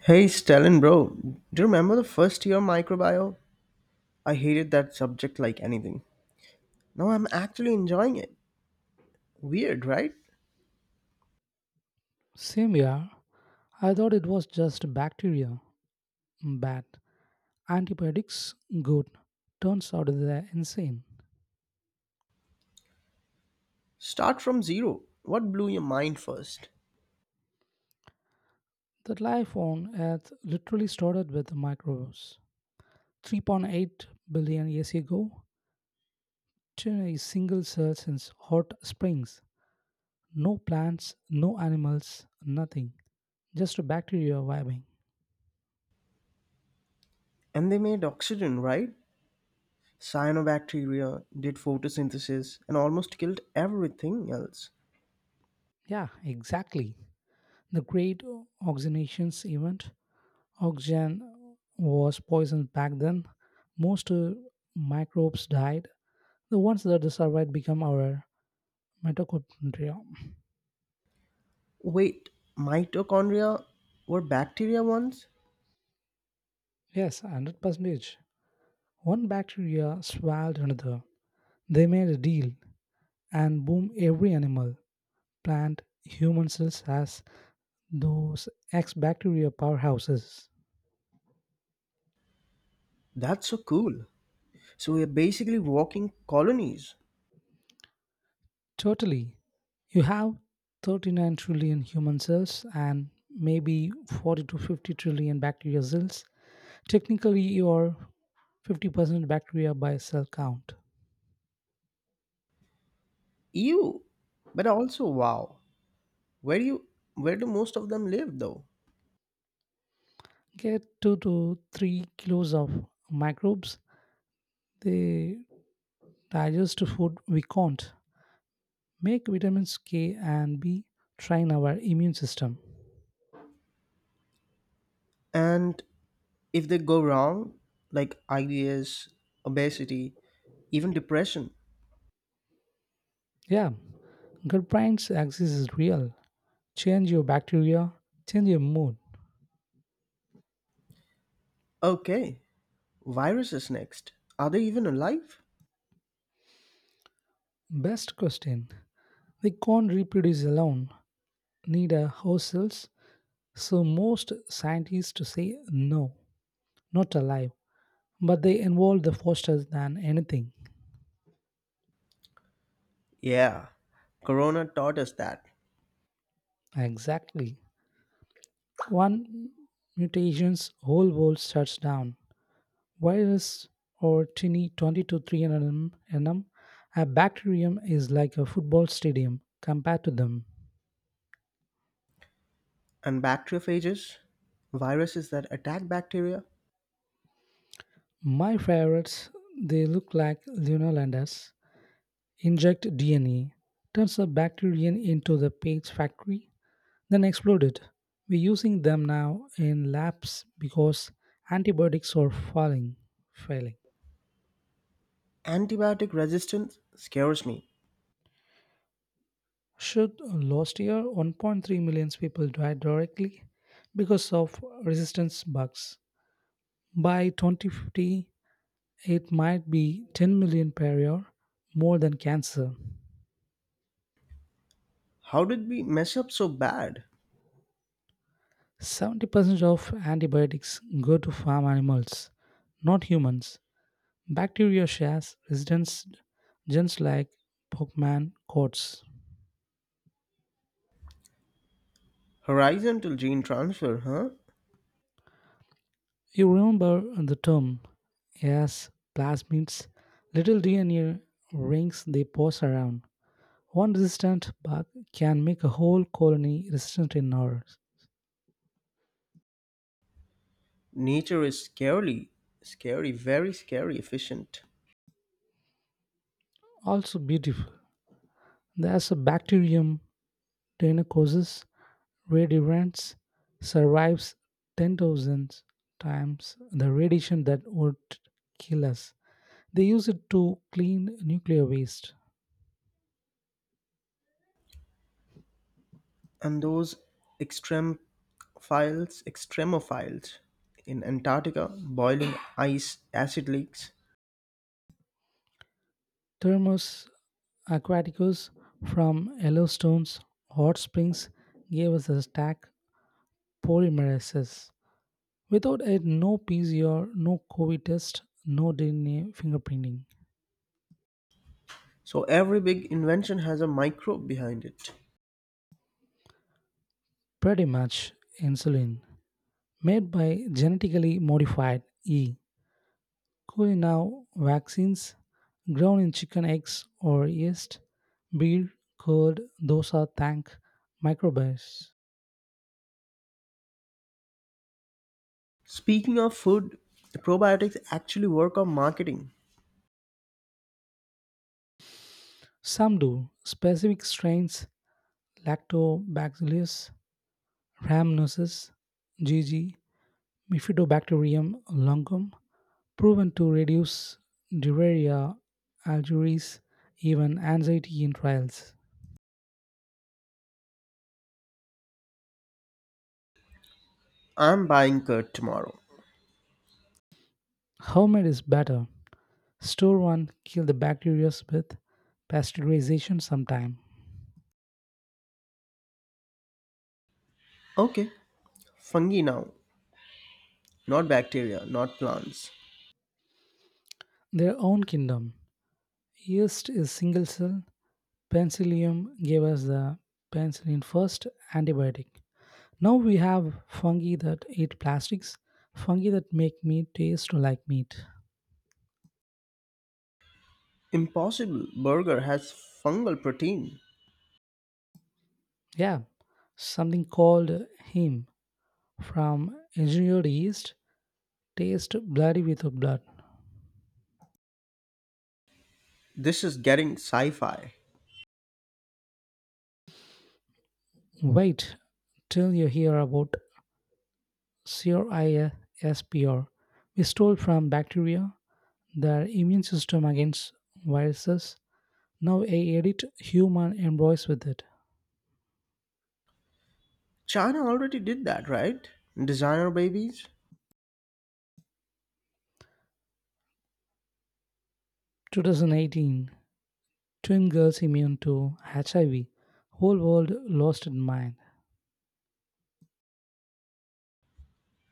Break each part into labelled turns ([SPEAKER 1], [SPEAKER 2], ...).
[SPEAKER 1] Hey Stalin, bro, do you remember the first year microbiome? I hated that subject like anything. Now I'm actually enjoying it. Weird, right?
[SPEAKER 2] Same year, I thought it was just bacteria. Mm, bad. Antibiotics? Good. Turns out they're insane.
[SPEAKER 1] Start from zero. What blew your mind first?
[SPEAKER 2] That life on Earth literally started with microbes. 3.8 billion years ago, to a single cell since hot springs. No plants, no animals, nothing. Just bacteria vibing.
[SPEAKER 1] And they made oxygen, right? Cyanobacteria did photosynthesis and almost killed everything else.
[SPEAKER 2] Yeah, exactly. The Great Oxygenations event. Oxygen was poisoned back then. Most microbes died. The ones that survived become our mitochondria.
[SPEAKER 1] Wait, mitochondria were bacteria once?
[SPEAKER 2] Yes, 100%. One bacteria swallowed another. They made a deal, and boom, every animal, plant, human cells has those ex bacteria powerhouses.
[SPEAKER 1] That's so cool. So we're basically walking colonies.
[SPEAKER 2] Totally. You have 39 trillion human cells and maybe 40 to 50 trillion bacteria cells. Technically, you're 50% bacteria by cell count.
[SPEAKER 1] Ew, but also wow. where do you where do most of them live though?
[SPEAKER 2] Get 2 to 3 kilos of microbes. They digest food we can't. Make vitamins K and B, train our immune system.
[SPEAKER 1] And if they go wrong, like IBS, obesity, even depression?
[SPEAKER 2] Yeah, gut brains axis is real. Change your bacteria, change your mood.
[SPEAKER 1] Okay, viruses next. Are they even alive?
[SPEAKER 2] Best question. They can't reproduce alone. Need a host cells. So most scientists say no, not alive. But they involve the fosters than anything.
[SPEAKER 1] Yeah, corona taught us that.
[SPEAKER 2] Exactly. One mutation's whole world shuts down. Virus or tiny 20 to 300 nm, a bacterium is like a football stadium compared to them.
[SPEAKER 1] And bacteriophages, viruses that attack bacteria.
[SPEAKER 2] My favorites, they look like Lionel Landers. Inject DNA, turns a bacterium into the page factory, then exploded. We're using them now in labs because antibiotics are failing.
[SPEAKER 1] Antibiotic resistance scares me.
[SPEAKER 2] Should last year 1.3 million people died directly because of resistance bugs. By 2050, it might be 10 million per year, more than cancer.
[SPEAKER 1] How did we mess up so bad?
[SPEAKER 2] 70% of antibiotics go to farm animals, not humans. Bacteria shares resistance genes like Pokemon codes.
[SPEAKER 1] Horizontal gene transfer, huh?
[SPEAKER 2] You remember the term as plasmids, little DNA rings they pass around. One resistant bug can make a whole colony resistant in hours.
[SPEAKER 1] Nature is scarily scary very scary efficient.
[SPEAKER 2] Also beautiful. There's a bacterium, Deinococcus radians, survives 10,000 times the radiation that would kill us. They use it to clean nuclear waste.
[SPEAKER 1] And those extremophiles in Antarctica, boil in ice acid lakes.
[SPEAKER 2] Thermos Aquaticus from Yellowstone's hot springs gave us a stack polymerases. Without it, no PCR, no COVID test, no DNA fingerprinting.
[SPEAKER 1] So every big invention has a microbe behind it.
[SPEAKER 2] Pretty much insulin made by genetically modified E. Coli, now vaccines grown in chicken eggs or yeast, beer, curd, dosa, tank microbes.
[SPEAKER 1] Speaking of food, the probiotics actually work on marketing?
[SPEAKER 2] Some do. Specific strains, lactobacillus, Rhamnosus, GG, Bifidobacterium longum, proven to reduce diarrhea, algiris, even anxiety in trials.
[SPEAKER 1] I'm buying curd tomorrow.
[SPEAKER 2] Homemade is better. Store one, kill the bacteria with pasteurization sometime.
[SPEAKER 1] Okay, fungi now, not bacteria, not plants.
[SPEAKER 2] Their own kingdom. Yeast is single cell. Penicillium gave us the penicillin, first antibiotic. Now we have fungi that eat plastics, fungi that make meat taste like meat.
[SPEAKER 1] Impossible Burger has fungal protein?
[SPEAKER 2] Yeah, something called him from engineered yeast taste bloody with blood.
[SPEAKER 1] This is getting sci-fi.
[SPEAKER 2] Wait till you hear about CRISPR. We stole from bacteria their immune system against viruses. Now a edit human embryos with it.
[SPEAKER 1] China already did that, right? Designer babies.
[SPEAKER 2] 2018, twin girls immune to HIV. Whole world lost its mind.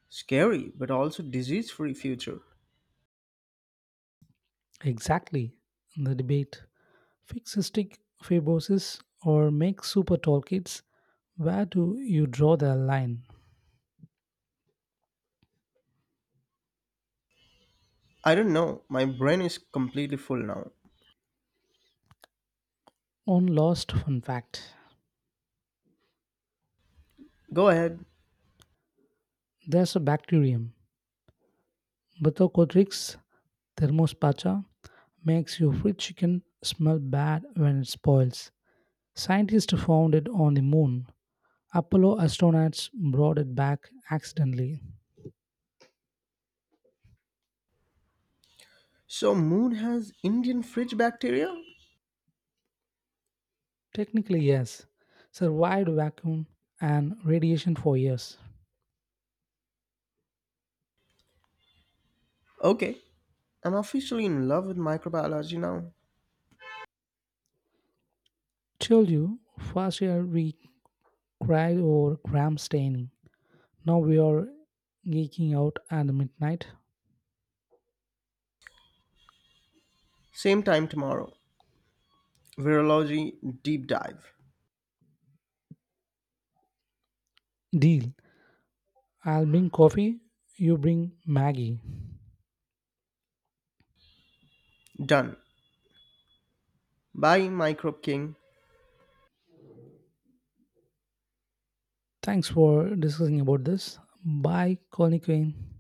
[SPEAKER 1] Scary, but also disease free future.
[SPEAKER 2] Exactly, the debate. Fix cystic fibrosis or make super tall kids. Where do you draw the line?
[SPEAKER 1] I don't know. My brain is completely full now.
[SPEAKER 2] One last fun fact.
[SPEAKER 1] Go ahead.
[SPEAKER 2] There's a bacterium, Bathycotrix thermospacha, makes your fried chicken smell bad when it spoils. Scientists found it on the moon. Apollo astronauts brought it back accidentally.
[SPEAKER 1] So, moon has Indian fridge bacteria?
[SPEAKER 2] Technically, yes. Survived vacuum and radiation for years.
[SPEAKER 1] Okay. I'm officially in love with microbiology now.
[SPEAKER 2] Told you, first year we cried over Graham staining. Now we are geeking out at the midnight.
[SPEAKER 1] Same time tomorrow. Virology deep dive.
[SPEAKER 2] Deal. I'll bring coffee, you bring Maggie.
[SPEAKER 1] Done. Bye, Microbe King.
[SPEAKER 2] Thanks for discussing about this. Bye, Colin Quinn.